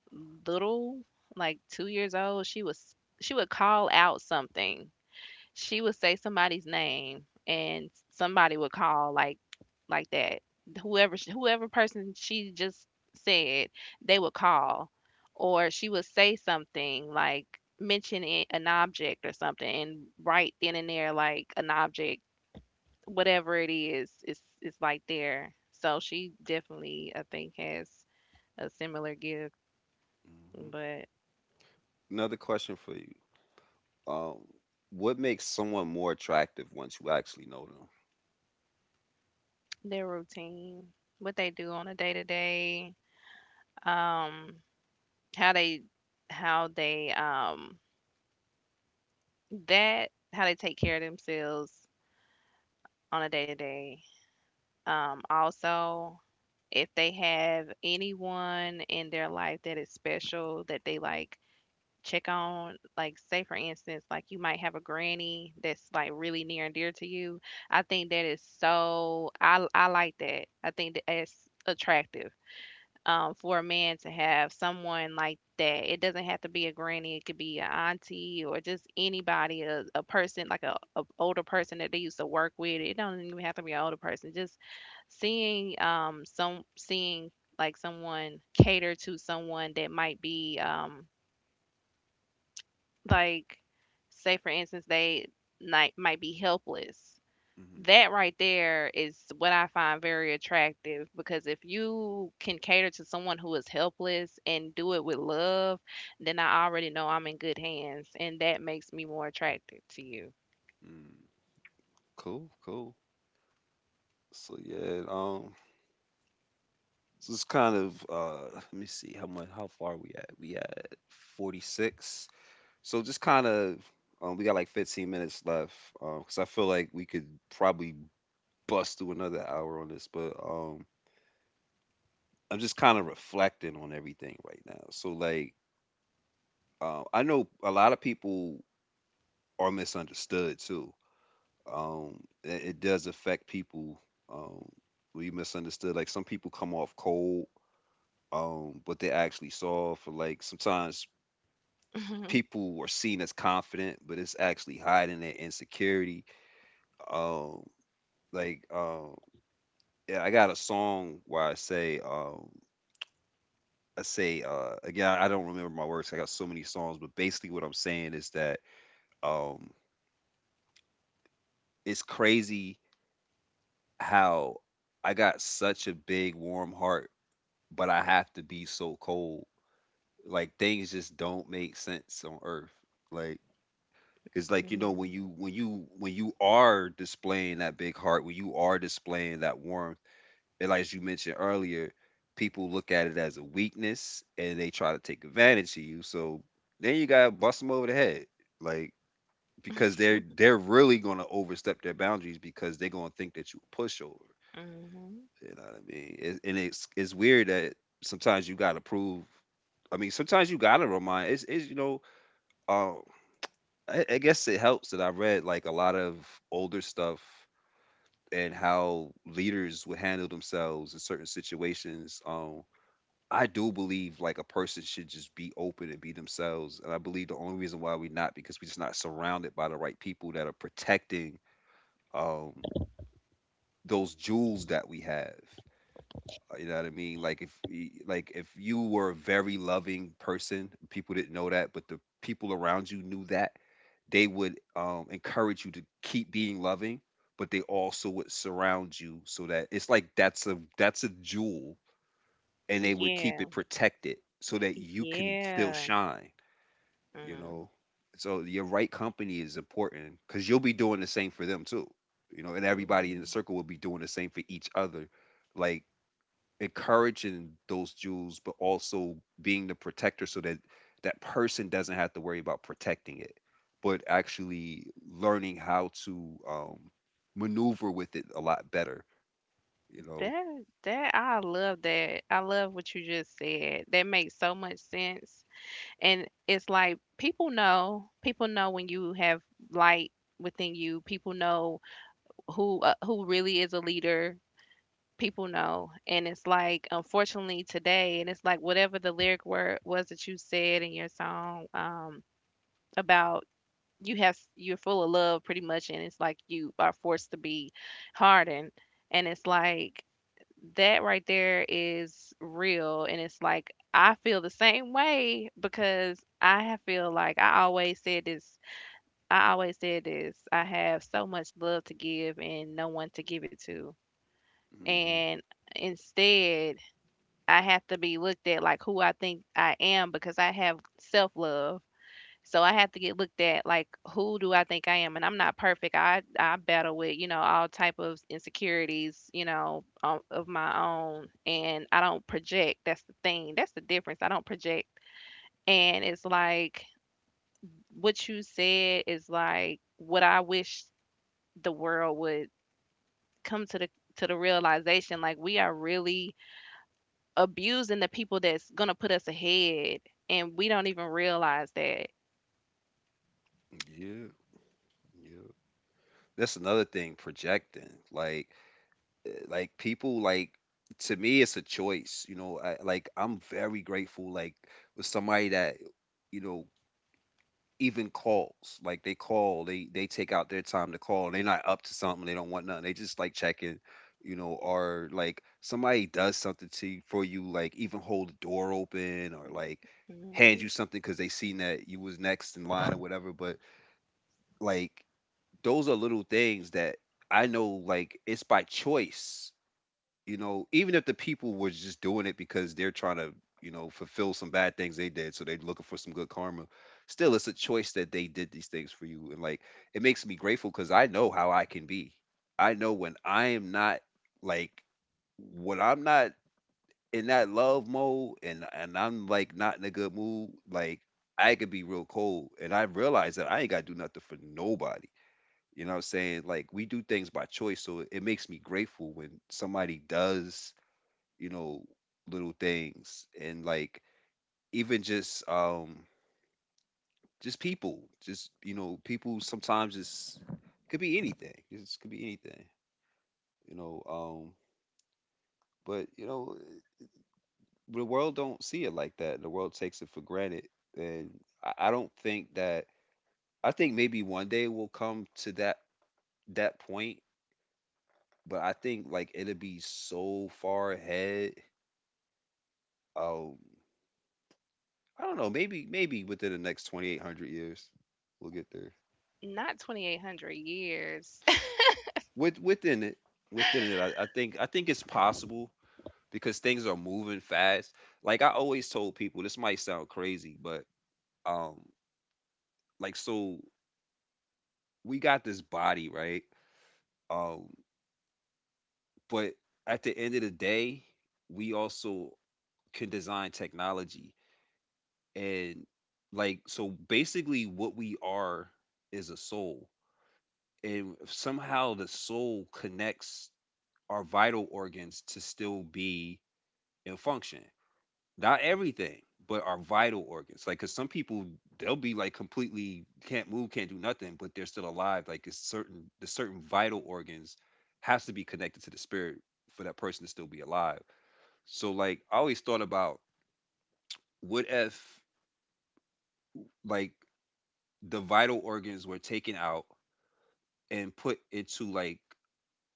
S2: little, like 2 years old, she was, she would call out something, she would say somebody's name, and somebody would call, like that, whoever whoever person she just said, they would call, or she would say something, like, mention it, an object or something, and right then and there, like, an object, whatever it is, it's like there. So she definitely, I think, has a similar gift.
S1: hmm
S2: But
S1: Another question for you. Um, what makes someone more attractive once you actually know them?
S2: their routine, what they do on a day to day. um How they, how they, that, how they take care of themselves on a day-to-day. Also, if they have anyone in their life that is special that they like check on, like say for instance, like you might have a granny that's, like, really near and dear to you. I think that is so, I like that. I think that that's attractive. For a man to have someone like that. It doesn't have to be a granny. It could be an auntie or just anybody, a person, like a older person that they used to work with. It don't even have to be an older person. Just seeing, some, seeing like someone cater to someone that might be, like, say for instance they might be helpless.
S1: Hmm.
S2: That right there is what I find very attractive, because if you can cater to someone who is helpless and do it with love, then I already know I'm in good hands, and that makes me more attracted to you.
S1: Mm. Cool, cool. So yeah, so it's kind of let me see how far we at. We at 46. So just kind of we got like 15 minutes left. 'Cause because I feel like we could probably bust through another hour on this, but. I'm just kind of reflecting on everything right now. So like, I know a lot of people are misunderstood too. It does affect people. Um, we misunderstood. Like some people come off cold, but they actually soft. Or like sometimes people are seen as confident, but it's actually hiding their insecurity. Um, like, um, yeah, I got a song where I say again, I don't remember my words. I got so many songs, but basically what I'm saying is that um it's crazy how I got such a big warm heart, but I have to be so cold. Like things just don't make sense on earth. Like it's like you know when
S2: Mm.
S1: you when you when you are displaying that big heart, when you are displaying that warmth and like as you mentioned earlier, people look at it as a weakness and they try to take advantage of you. So then you gotta bust them over the head, like because they're really gonna overstep their boundaries because they're gonna think that you a pushover.
S2: Hmm.
S1: You know what I mean? And it's weird that sometimes you gotta prove. I mean, sometimes you gotta remind. It's you know, um, I guess it helps that I read like a lot of older stuff and how leaders would handle themselves in certain situations. I do believe like a person should just be open and be themselves. And I believe the only reason why we're not because we're just not surrounded by the right people that are protecting um those jewels that we have. You know what I mean? Like if you were a very loving person, people didn't know that, but the people around you knew that, they would encourage you to keep being loving, but they also would surround you so that it's like that's a jewel and they would keep
S2: Yeah.
S1: it protected so that you can still
S2: Yeah.
S1: shine, you know. So your right company is important because you'll be doing the same for them too, you know, and everybody in the
S2: Mm-hmm.
S1: circle will be doing the same for each other, like encouraging those jewels, but also being the protector so that that person doesn't have to worry about protecting it, but actually learning how to maneuver with it a lot better, you know.
S2: That, that. I love what you just said. That makes so much sense. And it's like, people know, people know when you have light within you, people know who, who really is a leader. People know. And it's like, unfortunately, today, and it's like, whatever the lyric word was that you said in your song, about, you have, you're full of love, pretty much, and it's like you are forced to be hardened, and it's like that right there is real. And it's like I feel the same way, because I have feel like I always said this, I always said this, I have so much love to give and no one to give it to.
S1: hmm
S2: And instead, I have to be looked at like who I think I am, because I have self-love. So I have to get looked at like who do I think I am? And I'm not perfect. I battle with, you know, all type of insecurities, you know, of my own, and I don't project. That's the thing. That's the difference. I don't project. And it's like what you said is like what I wish the world would come to the, to the realization, like we are really abusing the people that's going to put us ahead, and we don't even realize that.
S1: Yeah, yeah. That's another thing, projecting. Like, people like to me, it's a choice. You know, like I'm very grateful. Like with somebody that you know even calls. Like they call, they take out their time to call. And they're not up to something. They don't want nothing. They just like checking. You know, or like somebody does something to you for you. Like even hold the door open or like hand you
S2: Mhm.
S1: something because they seen that you was next in line or whatever. But like those are little things that I know like it's by choice. You know, even if the people were just doing it because they're trying to, you know, fulfill some bad things they did, so they're looking for some good karma. Still, it's a choice that they did these things for you, and like it makes me grateful because I know how I can be. I know when I am not like when I'm not in that love mode, and I'm like not in a good mood, like I could be real cold, and I realize that I ain't gotta do nothing for nobody you know what I'm saying? Like we do things by choice, so it makes me grateful when somebody does, you know, little things and like even just people, just you know, people sometimes it's could be anything. It could be anything, you know. But you know, the world don't see it like that. The world takes it for granted, and I don't think that. I think maybe one day we'll come to that point, but I think like it'll be so far ahead. Oh, I don't know. Maybe within the next 2,800 years, we'll get there.
S2: Not 2800 years.
S1: Within it, within it, I think I think it's possible because things are moving fast. Like I always told people, this might sound crazy, but um, like so we got this body right, um, but at the end of the day, we also can design technology and like so basically what we are is a soul and somehow the soul connects our vital organs to still be in function. Not everything, but our vital organs. Like, cause some people they'll be like completely can't move, can't do nothing, but they're still alive. Like, it's certain the certain vital organs has to be connected to the spirit for that person to still be alive. So, like, I always thought about what if like the vital organs were taken out and put into like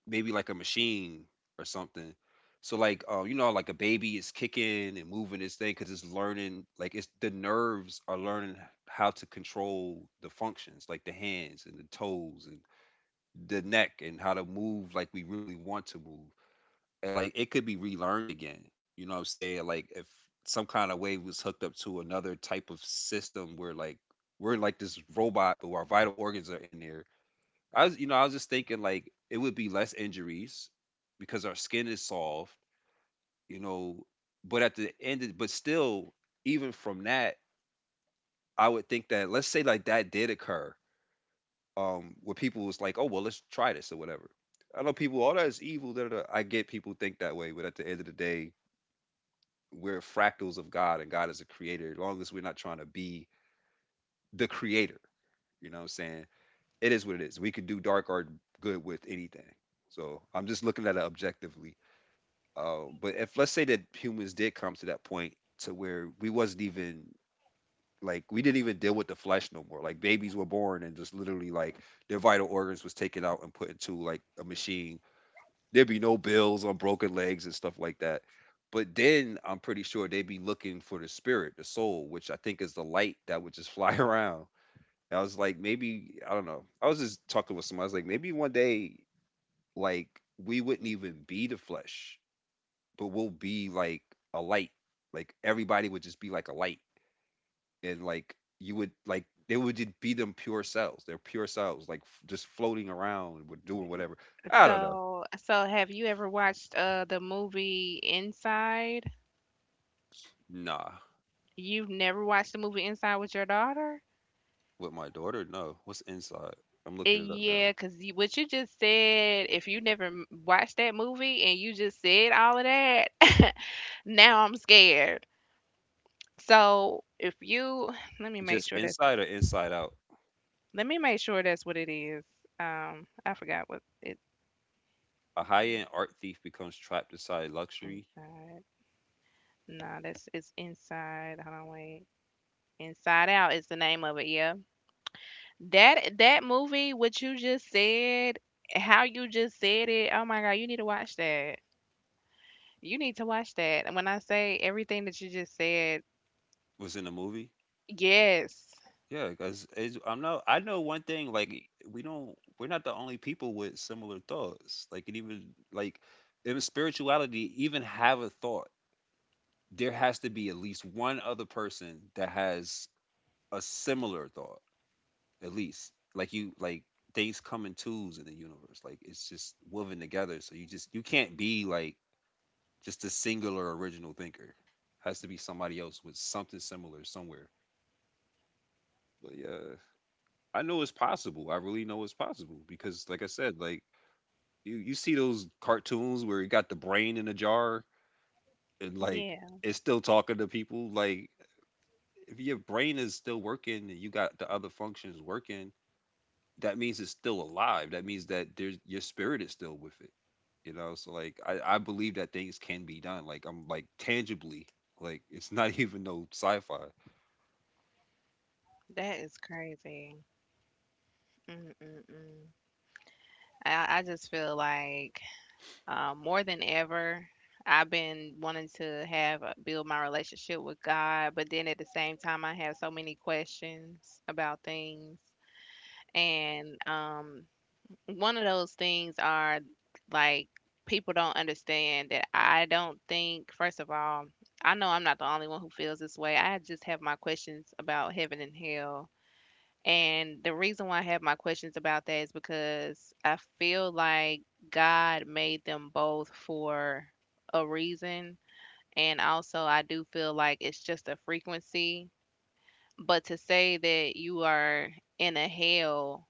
S1: maybe like a machine or something. So like you know, like a baby is kicking and moving this thing because it's learning. Like it's the nerves are learning how to control the functions, like the hands and the toes and the neck and how to move like we really want to move. And like it could be relearned again. You know what I'm saying? Like if some kind of way was hooked up to another type of system where like we're like this robot, but our vital organs are in there. I was, you know, I was just thinking like it would be less injuries because our skin is soft, you know. But at the end, of, but still, even from that, I would think that let's say like that did occur, where people was like, oh well, let's try this or whatever. I know people, all that is evil. Da, da, da. I get people think that way, but at the end of the day, we're fractals of God, and God is a creator. As long as we're not trying to be the creator, you know what I'm saying? It is what it is. We could do dark or good with anything. So I'm just looking at it objectively. But if let's say that humans did come to that point to where we wasn't even like we didn't even deal with the flesh no more. Like babies were born and just literally like their vital organs was taken out and put into like a machine. There'd be no bills on broken legs and stuff like that. But then I'm pretty sure they'd be looking for the spirit, the soul, which I think is the light that would just fly around. And I was like, maybe I don't know. I was just talking with somebody. I was like, maybe one day, like we wouldn't even be the flesh but we'll be like a light. Like everybody would just be like a light, and like you would like they would just be them pure selves. They're pure selves, like just floating around, with doing whatever. I don't know.
S2: So, so have you ever watched, the movie Inside?
S1: Nah,
S2: You've never watched the movie Inside with your daughter?
S1: with my daughter, no. What's inside? I'm
S2: Eh,
S1: looking it up
S2: yeah,
S1: now.
S2: because you, what you just said, if you never watched that movie and you just said all of that, now I'm scared. So if you, let me make
S1: Just
S2: sure that's,
S1: inside or inside out?
S2: let me make sure that's what it is. I forgot what it
S1: A high-end art thief becomes trapped inside luxury.
S2: inside. No, that's it's Inside. Hold on, wait. Inside Out is the name of it. Yeah. That, that movie, what you just said, how you just said it, oh my God, you need to watch that. You need to watch that. And when I say everything that you just said,
S1: Was in a movie.
S2: yes.
S1: Yeah, because I'm not. I know one thing. Like we don't. We're not the only people with similar thoughts. Like it even like in spirituality, even have a thought. There has to be at least one other person that has a similar thought. At least like you like things come in twos in the universe. Like it's just woven together. So you can't be like just a singular original thinker. Has to be somebody else with something similar somewhere. But yeah. I know it's possible. I really know it's possible because, like I said, like you see those cartoons where you got the brain in a jar and like
S2: Yeah,
S1: it's still talking to people. Like if your brain is still working and you got the other functions working, that means it's still alive. That means that there's your spirit is still with it. You know, so like I believe that things can be done. Like I'm like tangibly. Like it's not even no sci-fi.
S2: that is crazy. Mm-mm-mm. I just feel like, more than ever, I've been wanting to have, build my relationship with God, but then at the same time, I have so many questions about things. And one of those things are, like, people don't understand that I don't think, first of all, I know I'm not the only one who feels this way. I just have my questions about heaven and hell. And the reason why I have my questions about that is because I feel like God made them both for a reason. And also, I do feel like it's just a frequency. But to say that you are in a hell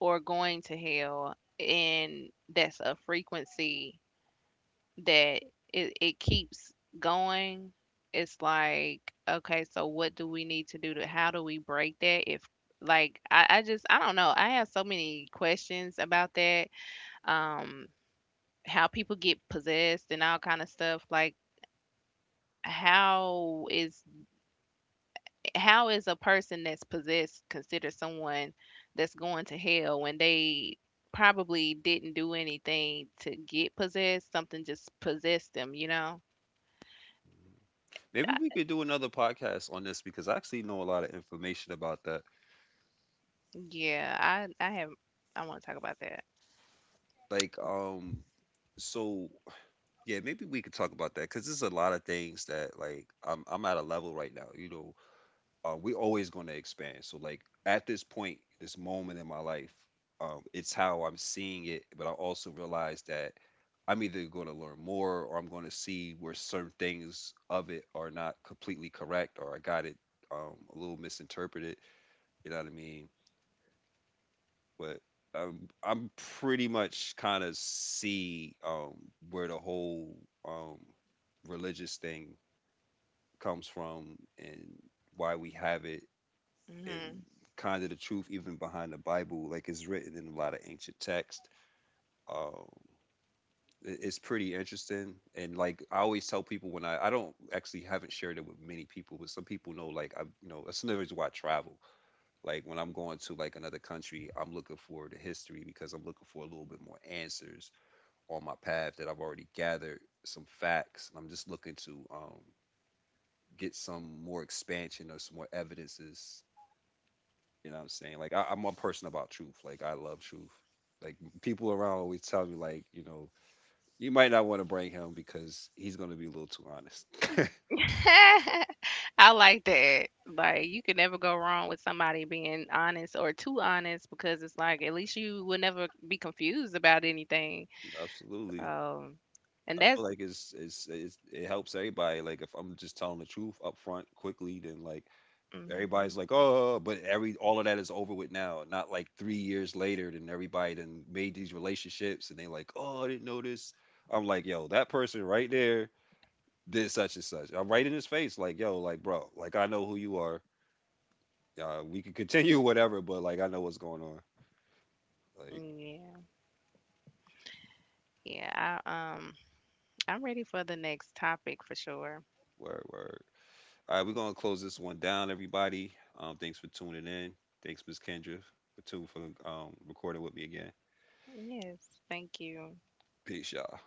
S2: or going to hell, and that's a frequency, that it keeps going, it's like, okay, so what do we need to do to, how do we break that if, like, I just, I don't know, I have so many questions about that. um how people get possessed and all kind of stuff, like, how is, how is a person that's possessed considered someone that's going to hell when they probably didn't do anything to get possessed? Something just possessed them, you know?
S1: Maybe
S2: I-
S1: we could do another podcast on this because I actually know a lot of information about that.
S2: Yeah, I have, I want to talk about that.
S1: like um so yeah, maybe we could talk about that because there's a lot of things that like I'm at a level right now, you know, we're always going to expand. So like at this point, this moment in my life, it's how I'm seeing it, but I also realize that I'm either going to learn more or I'm going to see where certain things of it are not completely correct, or I got it a little misinterpreted, you know what I mean? But I'm pretty much kind of see where the whole um, religious thing comes from and why we have it, and
S2: Hmm.
S1: kind of the truth even behind the Bible, like it's written in a lot of ancient text. Um, it's pretty interesting, and like I always tell people when I don't actually haven't shared it with many people, but some people know like I, you know, that's another reason why I travel. Like when I'm going to like another country, I'm looking for the history because I'm looking for a little bit more answers on my path that I've already gathered some facts, and I'm just looking to get some more expansion or some more evidences. You know what I'm saying? Like I'm a person about truth. Like I love truth. Like people around always tell me, like you know, you might not want to bring him because he's gonna be a little too honest.
S2: I like that. Like you can never go wrong with somebody being honest or too honest, because it's like, at least you will never be confused about anything.
S1: Absolutely.
S2: Um, and
S1: I feel
S2: that's,
S1: like it's it helps everybody. Like if I'm just telling the truth up front quickly, then like
S2: hmm,
S1: everybody's like, "Oh," but every all of that is over with now. Not like three years later, then everybody then made these relationships, and they like, "Oh, I didn't know this." I'm like, "Yo, that person right there did such and such." I'm right in his face, like, "Yo, like, bro, like, I know who you are. We can continue whatever, but like, I know what's going on." Like,
S2: yeah, yeah. I I'm ready for the next topic for sure.
S1: word, word. All right, we're gonna close this one down, everybody. Thanks for tuning in. Thanks, Miss Kendra, for tuning for recording with me again.
S2: Yes, thank you.
S1: Peace, y'all.